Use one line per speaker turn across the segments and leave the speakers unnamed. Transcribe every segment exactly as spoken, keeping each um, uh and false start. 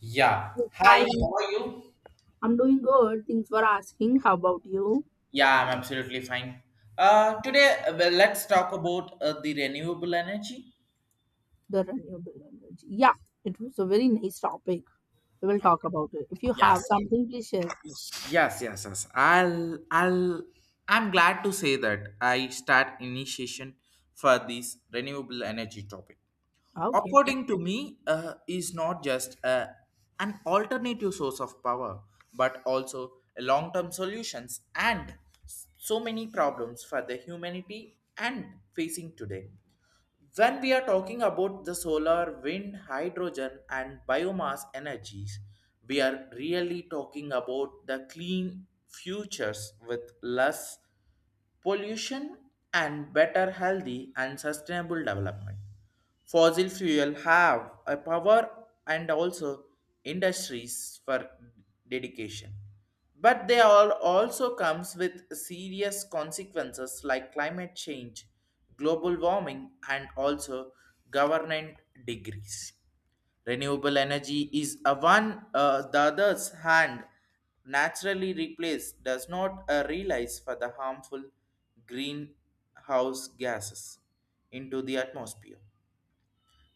Yeah. Hi,
Hi,
how are you?
I'm doing good. Thanks for asking. How about you?
Yeah, I'm absolutely fine. Uh, today, uh, well, let's talk about uh, the renewable energy.
The renewable energy. Yeah, it was a very nice topic. We will talk about it. If you
Yes.
have something, please share.
Yes, yes, yes. I'll, I'll, I'm glad to say that I start initiation for this renewable energy topic.
Okay,
According to me, uh, is not just uh, an alternative source of power, but also a long-term solutions and so many problems for the humanity and facing today. When we are talking about the solar, wind, hydrogen, and biomass energies, we are really talking about the clean futures with less pollution and better healthy and sustainable development. Fossil fuel have a power and also industries for dedication. But they all also comes with serious consequences like climate change, global warming, and also government degrees. Renewable energy is a one uh, the other's hand naturally replaced does not uh, realize for the harmful greenhouse gases into the atmosphere.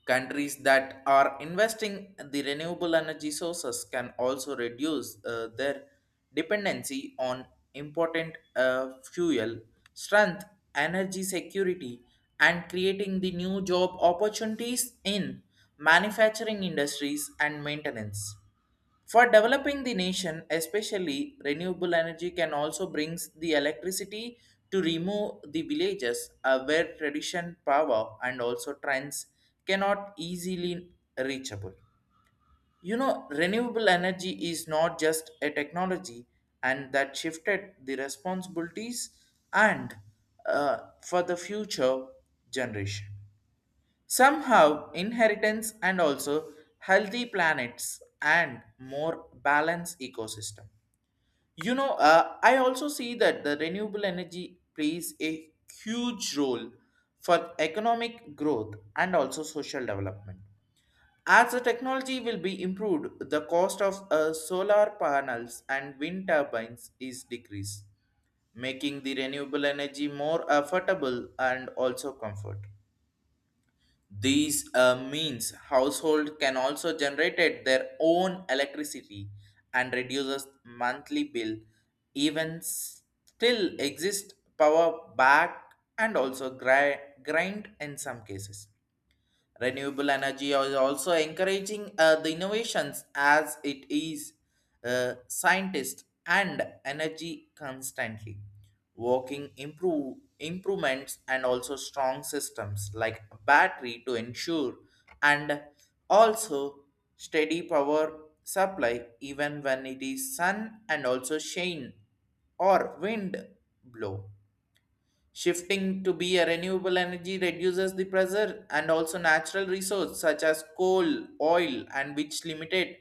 Countries that are investing in the renewable energy sources can also reduce uh, their dependency on important uh, fuel, strength, energy security, and creating the new job opportunities in manufacturing industries and maintenance. For developing the nation, especially renewable energy can also brings the electricity to remove the villages uh, where tradition power and also trends cannot easily reachable. You know, renewable energy is not just a technology and that shifted the responsibilities and uh, for the future generation. Somehow, inheritance and also healthy planets and more balanced ecosystem. You know, uh, I also see that the renewable energy plays a huge role for economic growth and also social development. As the technology will be improved, the cost of uh, solar panels and wind turbines is decreased, making the renewable energy more affordable and also comfort. These uh, means household can also generate their own electricity and reduces monthly bill. Even s- still exist power back and also gri- grind in some cases. Renewable energy is also encouraging uh, the innovations as it is uh, scientist and energy constantly working improve improvements and also strong systems like battery to ensure and also steady power supply even when it is sun and also shine or wind blow. Shifting to be a renewable energy reduces the pressure and also natural resources such as coal, oil, and which limited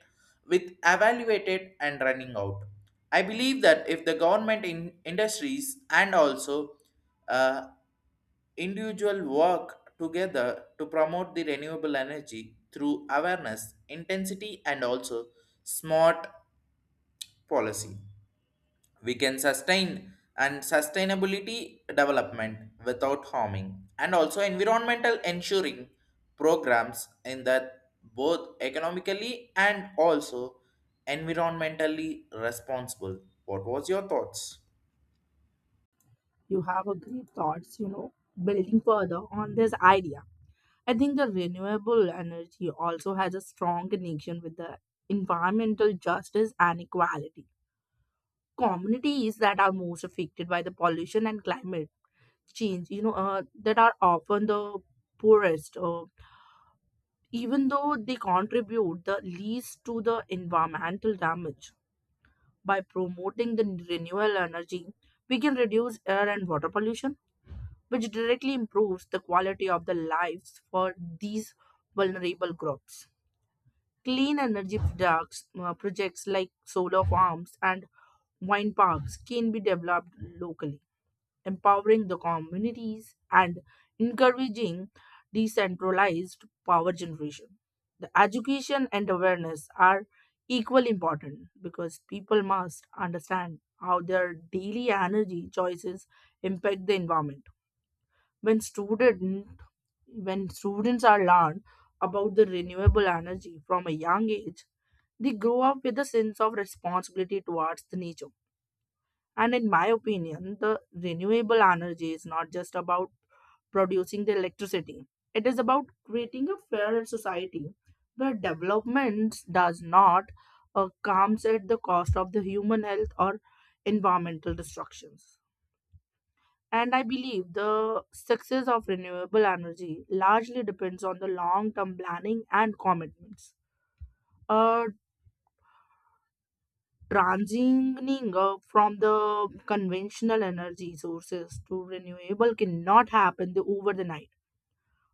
with evaluated and running out. I believe that if the government in industries and also uh, individual work together to promote the renewable energy through awareness, intensity, and also smart policy, we can sustain and sustainability development without harming and also environmental ensuring programs in that both economically and also environmentally responsible. What was your thoughts?
you have a great thoughts, you know, building further on this idea. I think the renewable energy also has a strong connection with the environmental justice and equality. Communities that are most affected by the pollution and climate change, you know, uh, that are often the poorest. Uh, even though they contribute the least to the environmental damage. By promoting the renewable energy, we can reduce air and water pollution, which directly improves the quality of the lives for these vulnerable groups. Clean energy products, uh, projects like solar farms and wind parks can be developed locally, empowering the communities, and encouraging decentralized power generation. The education and awareness are equally important because people must understand how their daily energy choices impact the environment. When student when students are learned about the renewable energy from a young age, they grow up with a sense of responsibility towards the nature. And in my opinion, the renewable energy is not just about producing the electricity, it is about creating a fairer society where development does not uh, comes at the cost of the human health or environmental destructions. And I believe the success of renewable energy largely depends on the long term planning and commitments. Uh, Transitioning uh, from the conventional energy sources to renewable cannot happen the- over the night,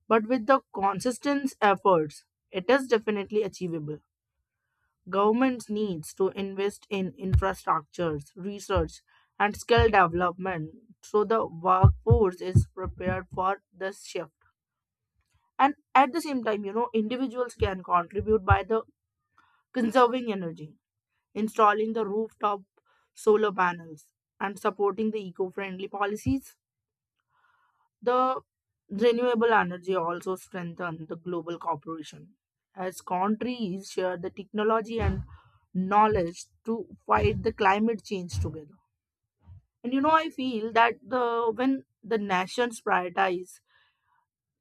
but with the consistent efforts it is definitely achievable. Governments needs to invest in infrastructures research and skill development, so the workforce is prepared for this shift. And at the same time, you know individuals can contribute by the conserving energy, installing the rooftop solar panels, and supporting the eco-friendly policies. The renewable energy also strengthen the global cooperation as countries share the technology and knowledge to fight the climate change together. And you know, I feel that the when the nations prioritize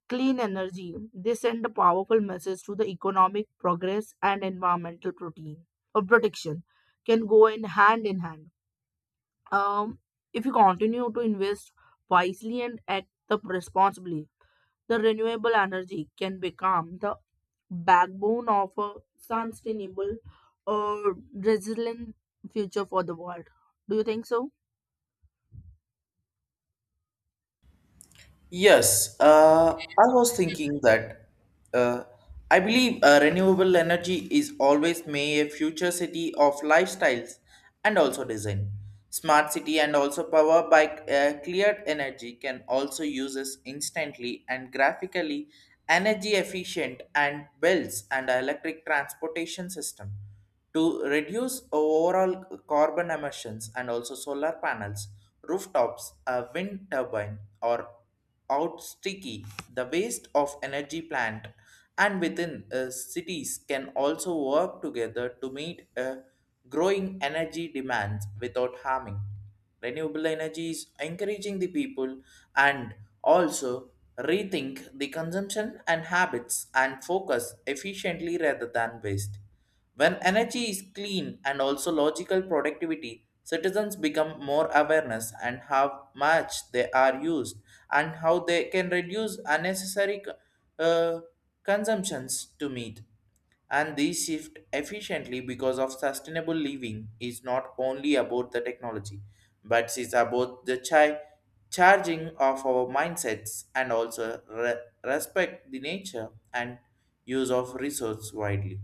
clean energy, they send a powerful message to the economic progress and environmental protein or protection can go in hand in hand. Um, if you continue to invest wisely and act the responsibly, the renewable energy can become the backbone of a sustainable or resilient future for the world. Do you think so?
Yes, uh, I was thinking that uh, I believe uh, renewable energy is always may a future city of lifestyles and also design. Smart city and also power by uh, cleared energy can also uses instantly and graphically energy efficient and bells and electric transportation system to reduce overall carbon emissions and also solar panels, rooftops, a wind turbine or out sticky, the waste of energy plant, and within uh, cities can also work together to meet uh, growing energy demands without harming. Renewable energy is encouraging the people and also rethink the consumption and habits and focus efficiently rather than waste. When energy is clean and also logical productivity, citizens become more awareness and how much they are used and how they can reduce unnecessary uh, consumptions to meet. And these shift efficiently because of sustainable living is not only about the technology, but it's about the chi- charging of our mindsets and also re- respect the nature and use of resource widely.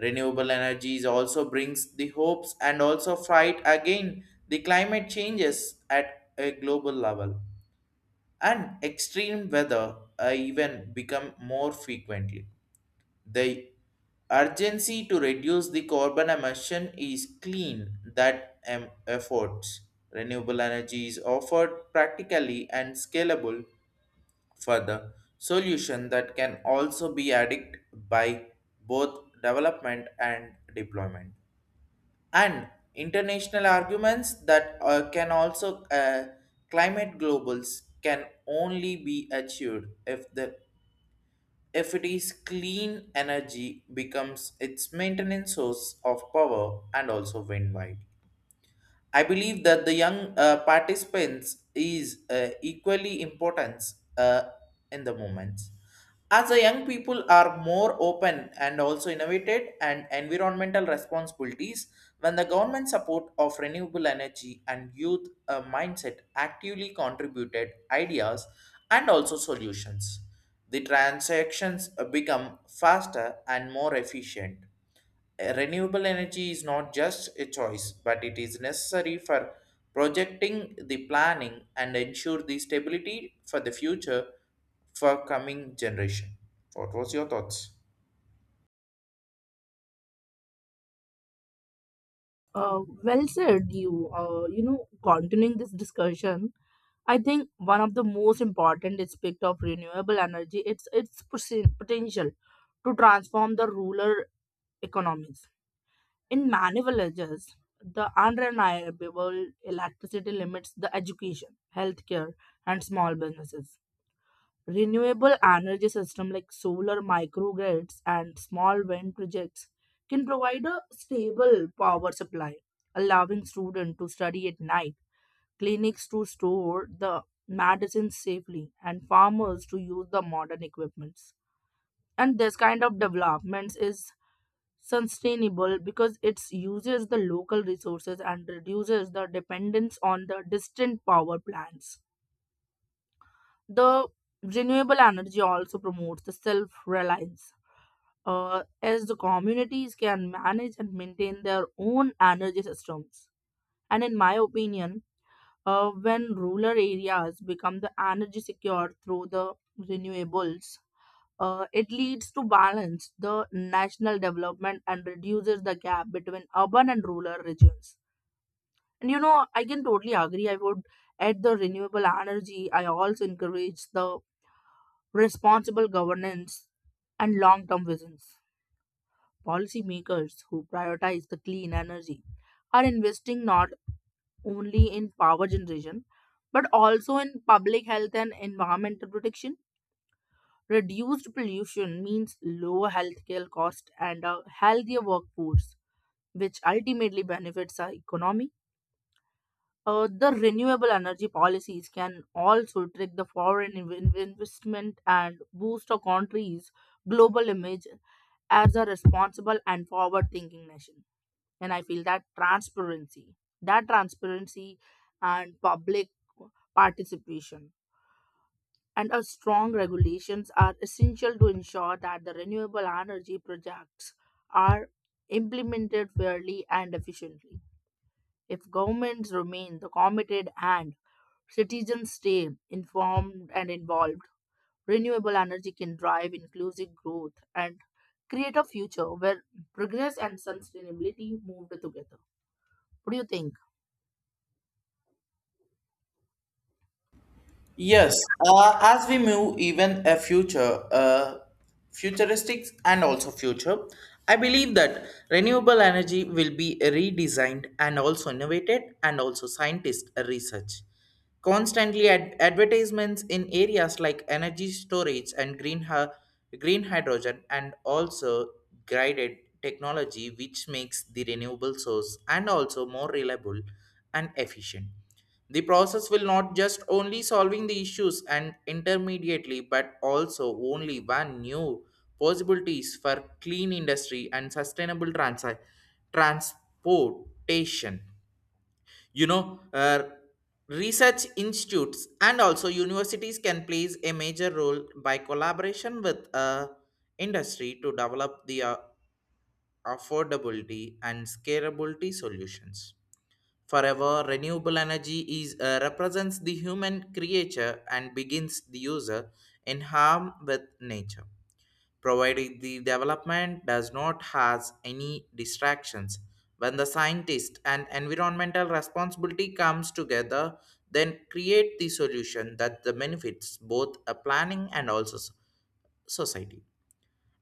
Renewable energies also brings the hopes and also fight again the climate changes at a global level. And extreme weather uh, even become more frequently. The urgency to reduce the carbon emission is clean that um, efforts. Renewable energy is offered practically and scalable further solution that can also be added by both development and deployment and international arguments that uh, can also uh, climate globals can only be achieved if the if it is clean energy becomes its maintenance source of power and also wind wide. I believe that the young uh, participants is uh, equally important uh, in the moments. As the young people are more open and also innovated and environmental responsibilities, when the government support of renewable energy and youth uh, mindset actively contributed ideas and also solutions, the transactions uh, become faster and more efficient. Renewable energy is not just a choice, but it is necessary for projecting the planning and ensure the stability for the future for coming generation. What was your thoughts?
Uh, well said. You, uh, you know, continuing this discussion, I think one of the most important aspect of renewable energy it's its posi- potential to transform the rural economies. In many villages, the unrenewable electricity limits the education, healthcare, and small businesses. Renewable energy systems like solar microgrids and small wind projects can provide a stable power supply, allowing students to study at night, clinics to store the medicines safely, and farmers to use the modern equipments. And this kind of developments is sustainable because it uses the local resources and reduces the dependence on the distant power plants. The renewable energy also promotes the self reliance. Uh, as the communities can manage and maintain their own energy systems. And in my opinion, uh, when rural areas become the energy secure through the renewables, uh, it leads to balance the national development and reduces the gap between urban and rural regions. And you know, I can totally agree. I would add the renewable energy. I also encourage the responsible governance and long term visions. Policymakers who prioritize the clean energy are investing not only in power generation, but also in public health and environmental protection. Reduced pollution means lower healthcare cost and a healthier workforce, which ultimately benefits our economy. Uh, the renewable energy policies can also trick the foreign inv- investment and boost a country's global image as a responsible and forward thinking nation. And I feel that transparency that transparency and public participation and a strong regulations are essential to ensure that the renewable energy projects are implemented fairly and efficiently. If governments remain the committed and citizens stay informed and involved, renewable energy can drive inclusive growth and create a future where progress and sustainability move together. What do you think?
Yes, uh, as we move even a future, uh, futuristic and also future, I believe that renewable energy will be redesigned and also innovated and also scientist research. Constantly ad- advertisements in areas like energy storage and green, hy- green hydrogen and also guided technology which makes the renewable source and also more reliable and efficient. The process will not just only solving the issues and intermediately, but also only one new possibilities for clean industry and sustainable transi- transportation. You know, uh, research institutes and also universities can plays a major role by collaboration with uh, industry to develop the uh, affordability and scalability solutions. Forever, renewable energy is uh, represents the human creature and begins the user in harm with nature, provided the development does not has any distractions. When the scientist and environmental responsibility comes together, then create the solution that the benefits both a planning and also so- society.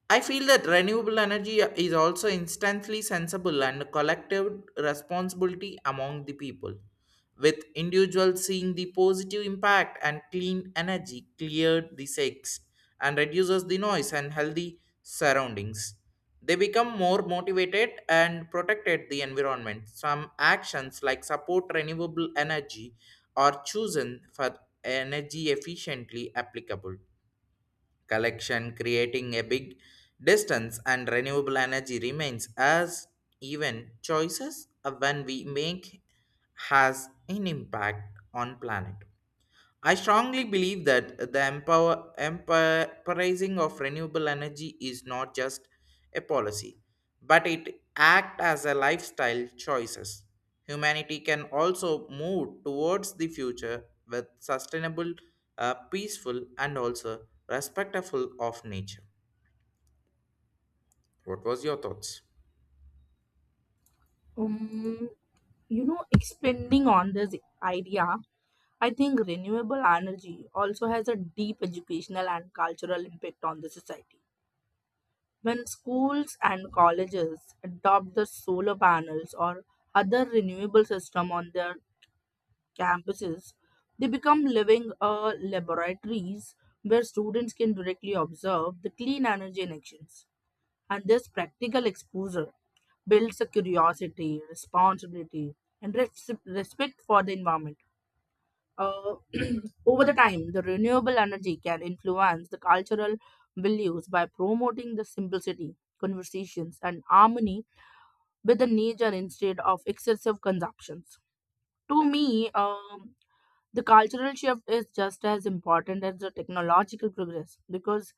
I feel that renewable energy is also instantly sensible and collective responsibility among the people, with individuals seeing the positive impact and clean energy cleared the sex and reduces the noise and healthy surroundings. They become more motivated and protected the environment. Some actions like support renewable energy are chosen for energy efficiently applicable collection, creating a big distance, and renewable energy remains as even choices of when we make has an impact on planet. I strongly believe that the empower, empowerizing of renewable energy is not just a policy, but it acts as a lifestyle choices. Humanity can also move towards the future with sustainable, uh, peaceful, and also respectful of nature. What was your thoughts?
Um, you know, Expanding on this idea, I think renewable energy also has a deep educational and cultural impact on the society. When schools and colleges adopt the solar panels or other renewable system on their campuses, they become living uh, laboratories where students can directly observe the clean energy in actions. And this practical exposure builds a curiosity, responsibility, and res- respect for the environment. Uh, Over the time, the renewable energy can influence the cultural values by promoting the simplicity, conversations, and harmony with the nature instead of excessive consumptions. To me, um, the cultural shift is just as important as the technological progress because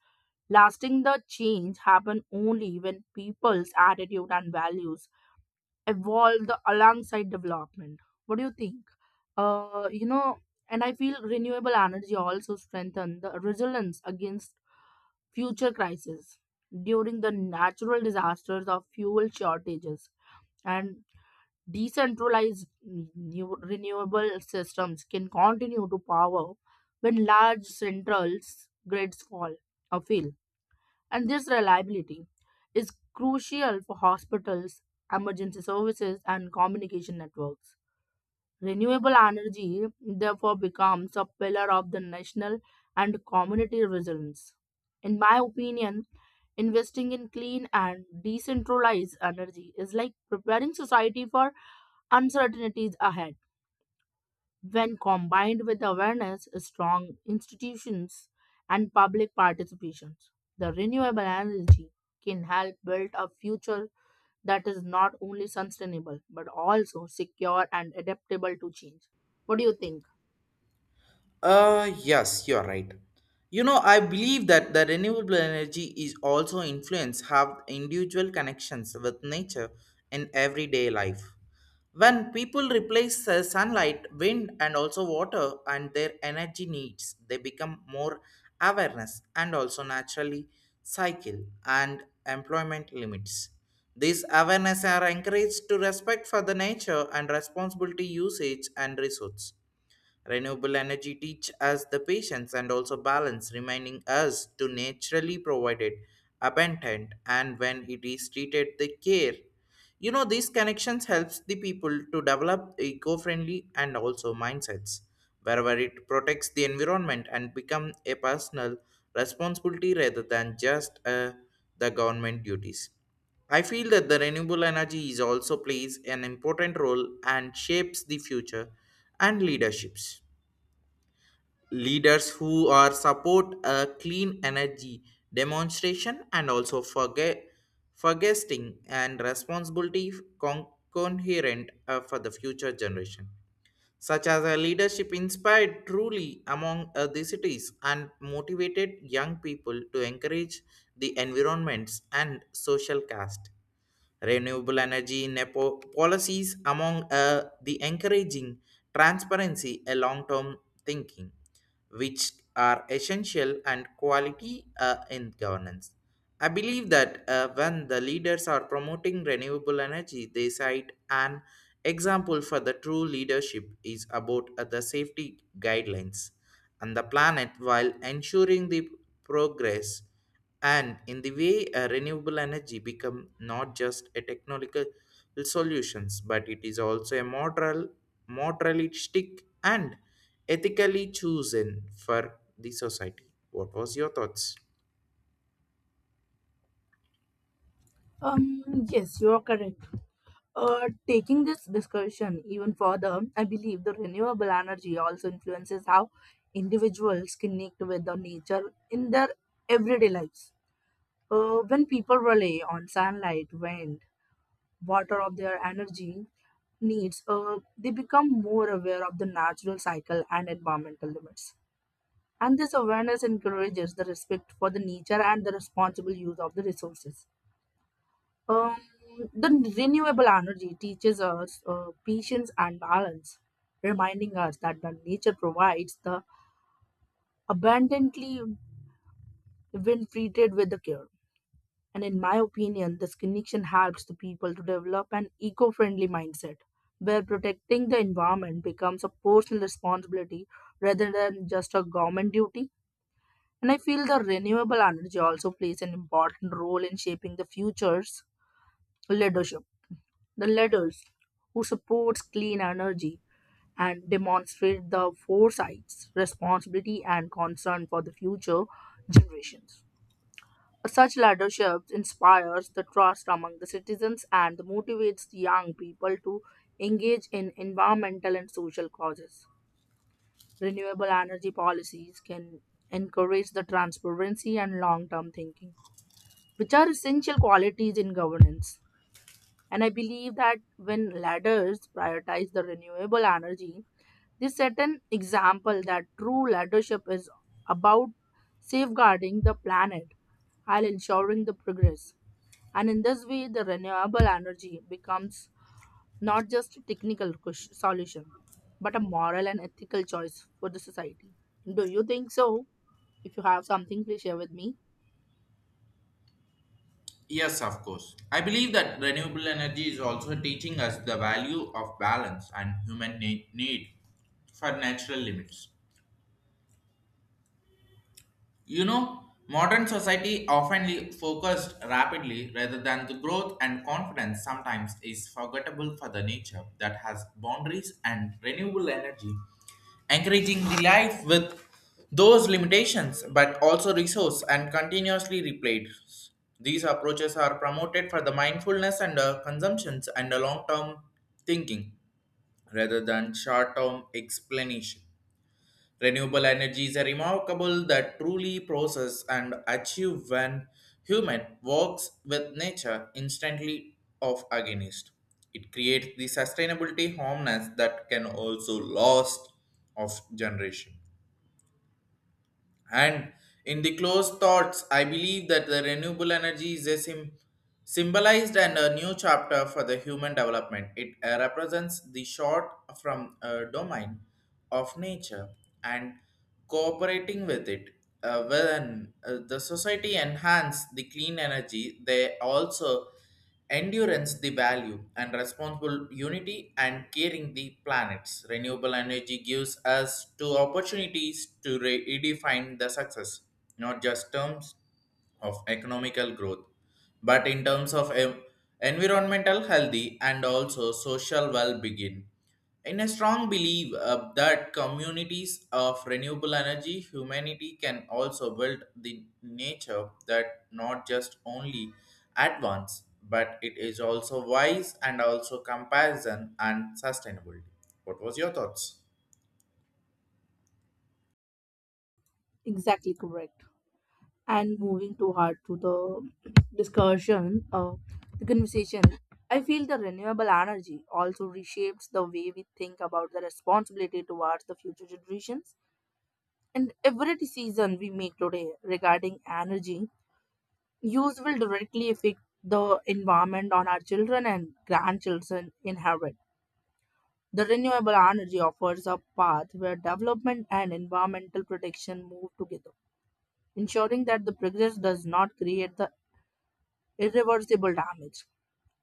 lasting the change happen only when people's attitude and values evolved alongside development. What do you think? Uh, you know, and I feel renewable energy also strengthen the resilience against future crises during the natural disasters of fuel shortages and decentralized new renewable systems can continue to power when large central grids fall or fail. And this reliability is crucial for hospitals, emergency services, and communication networks. Renewable energy therefore becomes a pillar of the national and community resilience. In my opinion, investing in clean and decentralized energy is like preparing society for uncertainties ahead. When combined with awareness, strong institutions, and public participation, the renewable energy can help build a future that is not only sustainable but also secure and adaptable to change. What do you think?
Uh, yes, you're right. You know, I believe that the renewable energy is also influence have individual connections with nature in everyday life. When people replace uh, sunlight, wind, and also water and their energy needs, they become more awareness and also naturally cycle and employment limits. These awareness are encouraged to respect for the nature and responsibility usage and resource. Renewable energy teach us the patience and also balance, reminding us to naturally provide it abundant and when it is treated the care. You know, these connections helps the people to develop eco-friendly and also mindsets, wherever it protects the environment and become a personal responsibility rather than just uh, the government duties. I feel that the renewable energy is also plays an important role and shapes the future and leaderships Leaders who are support a clean energy demonstration and also forget forgetting and responsibility con- coherent uh, for the future generation, such as a leadership inspired truly among uh, the cities and motivated young people to encourage the environments and social caste. Renewable energy nepo- policies among uh, the encouraging transparency and long-term thinking, which are essential and quality uh, in governance. I believe that uh, when the leaders are promoting renewable energy, they cite an example for the true leadership is about uh, the safety guidelines and the planet while ensuring the progress. And in the way uh, renewable energy become not just a technological solutions, but it is also a moral moralistic and ethically chosen for the society. What was your thoughts?
Um, yes, you are correct. Uh, taking this discussion even further, I believe the renewable energy also influences how individuals connect with the nature in their everyday lives. Uh, when people rely on sunlight, wind, water of their energy needs, uh, they become more aware of the natural cycle and environmental limits. And this awareness encourages the respect for the nature and the responsible use of the resources. Um, the renewable energy teaches us uh, patience and balance, reminding us that the nature provides the abundantly when treated with the care. And in my opinion, this connection helps the people to develop an eco friendly mindset where protecting the environment becomes a personal responsibility rather than just a government duty. And I feel the renewable energy also plays an important role in shaping the future's leadership. The leaders who supports clean energy and demonstrate the foresights, responsibility and concern for the future generations. Such leadership inspires the trust among the citizens and motivates the young people to engage in environmental and social causes. Renewable energy policies can encourage the transparency and long term thinking, which are essential qualities in governance. And I believe that when leaders prioritize the renewable energy, they set an example that true leadership is about safeguarding the planet while ensuring the progress. And in this way, the renewable energy becomes not just a technical ques- solution, but a moral and ethical choice for the society. Do you think so? If you have something, please share with me.
Yes, of course. I believe that renewable energy is also teaching us the value of balance and human ne- need for natural limits. You know, modern society often le- focused rapidly rather than the growth and confidence sometimes is forgettable for the nature that has boundaries and renewable energy, encouraging the life with those limitations but also resource and continuously replayed. These approaches are promoted for the mindfulness and uh, consumptions and the long-term thinking rather than short-term explanation. Renewable energies are remarkable that truly process and achieve when human works with nature instantly of against. It creates the sustainability harmness that can also last of generation. And in the closed thoughts, I believe that the renewable energy is a sim, symbolized and a new chapter for the human development. It uh, represents the short from a domain of nature and cooperating with it. Uh, when uh, the society enhance the clean energy, they also endurance the value and responsible unity and caring the planets renewable energy gives us two opportunities to re- redefine the success not just terms of economical growth but in terms of em- environmental healthy and also social well-being in a strong belief uh, that communities of renewable energy, humanity can also build the nature that not just only advance, but it is also wise and also compassion and sustainability. What was your thoughts?
Exactly correct. And moving too hard to the discussion, uh, the conversation, I feel the renewable energy also reshapes the way we think about the responsibility towards the future generations. And every decision we make today regarding energy use will directly affect the environment on our children and grandchildren inherit. The renewable energy offers a path where development and environmental protection move together, ensuring that the progress does not create the irreversible damage.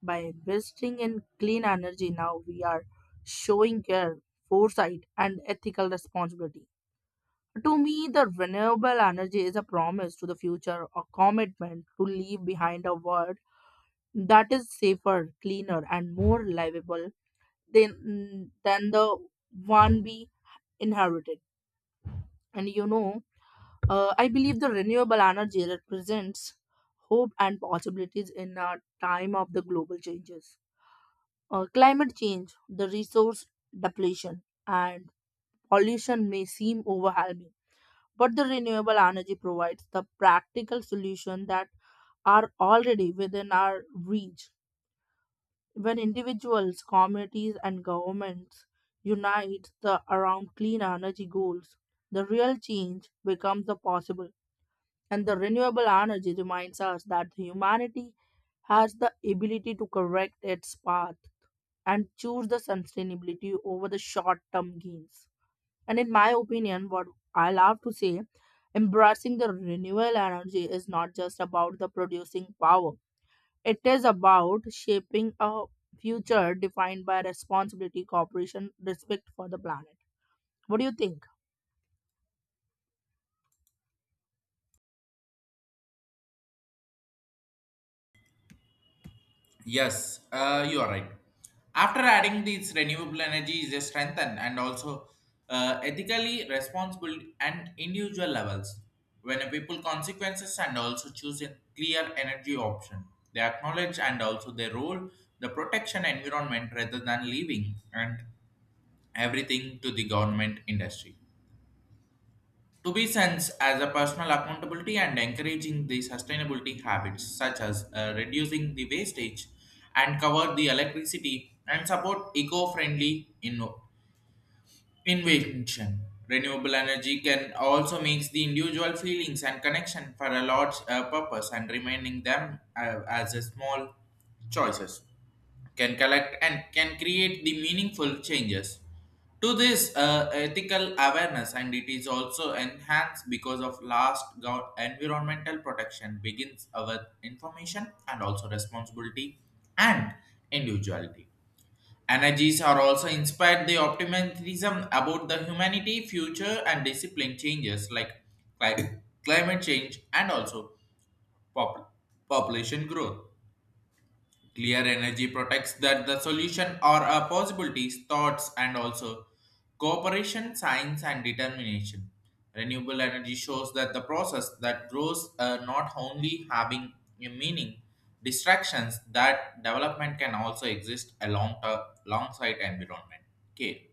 By investing in clean energy now, we are showing care, foresight, and ethical responsibility. To me, the renewable energy is a promise to the future, a commitment to leave behind a world that is safer, cleaner, and more livable than than the one we inherited. And you know, uh, I believe the renewable energy represents hope and possibilities in a time of the global changes. Uh, climate change, the resource depletion, and pollution may seem overwhelming, but the renewable energy provides the practical solution that are already within our reach. When individuals, communities, and governments unite the, around clean energy goals, the real change becomes the possible. And the renewable energy reminds us that humanity has the ability to correct its path and choose the sustainability over the short term gains. And in my opinion, what I love to say, embracing the renewable energy is not just about the producing power, it is about shaping a future defined by responsibility, cooperation, respect for the planet. What do you think?
Yes, uh, you are right. After adding these renewable energy is a strengthen and also uh, ethically responsible and individual levels. When a people consequences and also choose a clear energy option, they acknowledge and also their role the protection environment rather than leaving and everything to the government industry to be sensed as a personal accountability and encouraging the sustainability habits such as uh, reducing the wastage and cover the electricity and support eco-friendly inno- invention. Renewable energy can also make the individual feelings and connection for a large uh, purpose and remaining them uh, as a small choices can collect and can create the meaningful changes. To this uh, ethical awareness, and it is also enhanced because of last gov- environmental protection begins with information and also responsibility and individuality. Energies are also inspired the optimism about the humanity future and discipline changes like cli- climate change and also pop- population growth. Clear energy protects that the solution or a possibilities, thoughts, and also cooperation, science, and determination. Renewable energy shows that the process that grows uh, not only having a meaning, distractions that development can also exist along alongside environment. Okay.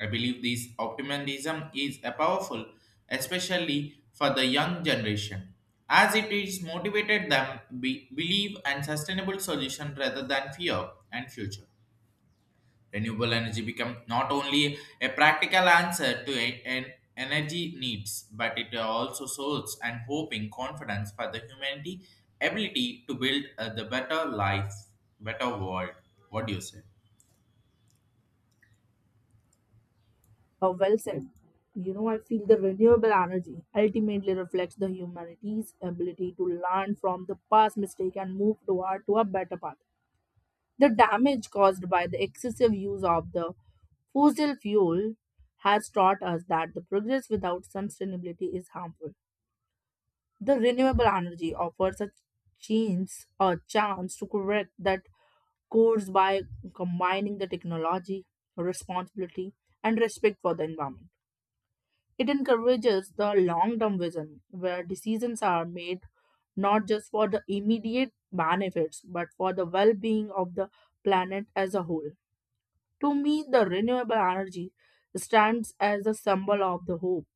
I believe this optimism is a powerful, especially for the young generation, as it is motivated them be, believe and sustainable solution rather than fear and future. Renewable energy become not only a practical answer to e- an energy needs, but it also source and hope in confidence for the humanity ability to build uh, the better life, better world. What do you say?
Uh, well said. You know, I feel the renewable energy ultimately reflects the humanity's ability to learn from the past mistake and move toward to a better path. The damage caused by the excessive use of the fossil fuel has taught us that the progress without sustainability is harmful. The renewable energy offers a chance, a chance to correct that course by combining the technology, responsibility, and respect for the environment. It encourages the long-term vision where decisions are made not just for the immediate benefits but for the well-being of the planet as a whole. To me, the renewable energy stands as a symbol of the hope,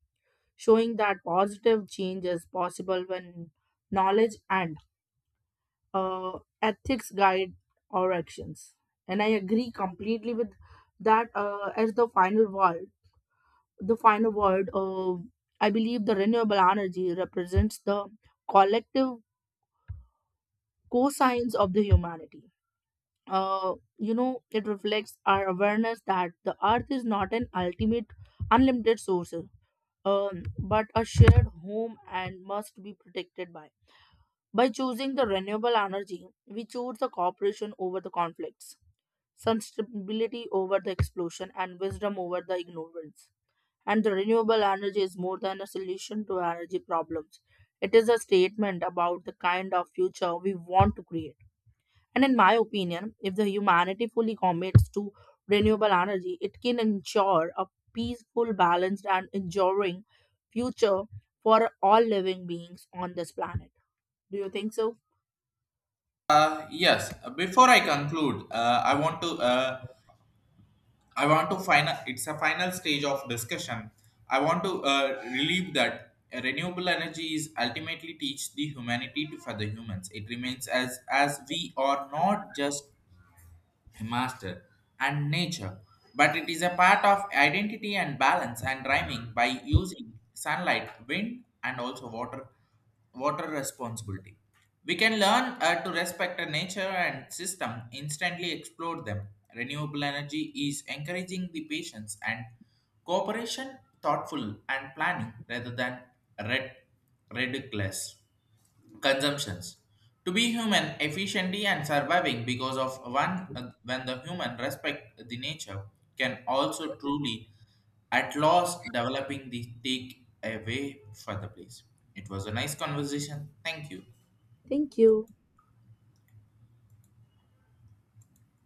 showing that positive change is possible when knowledge and uh, ethics guide our actions. And I agree completely with that. Uh, as the final word the final word, uh, I believe the renewable energy represents the collective co-signs of the humanity. uh, you know it reflects our awareness that the earth is not an ultimate unlimited source, um, but a shared home and must be protected. By by choosing the renewable energy we choose the cooperation over the conflicts, sensibility over the explosion, and wisdom over the ignorance. And the renewable energy is more than a solution to energy problems. It is a statement about the kind of future we want to create. And in my opinion, if the humanity fully commits to renewable energy, it can ensure a peaceful, balanced, and enduring future for all living beings on this planet. Do you think so?
Uh, yes, before I conclude, uh, I want to uh, I want to final. It's a final stage of discussion. I want to uh, relieve that renewable energy is ultimately teach the humanity to for the humans. It remains as as we are not just a master, and nature, but it is a part of identity and balance and rhyming by using sunlight, wind, and also water, water responsibility. We can learn uh, to respect a nature and system, instantly explore them. Renewable energy is encouraging the patience and cooperation, thoughtful and planning rather than red, ridiculous consumptions. To be human efficiently and surviving because of one uh, when the human respect the nature can also truly at last developing the take away for the place. It was a nice conversation. Thank you.
Thank you.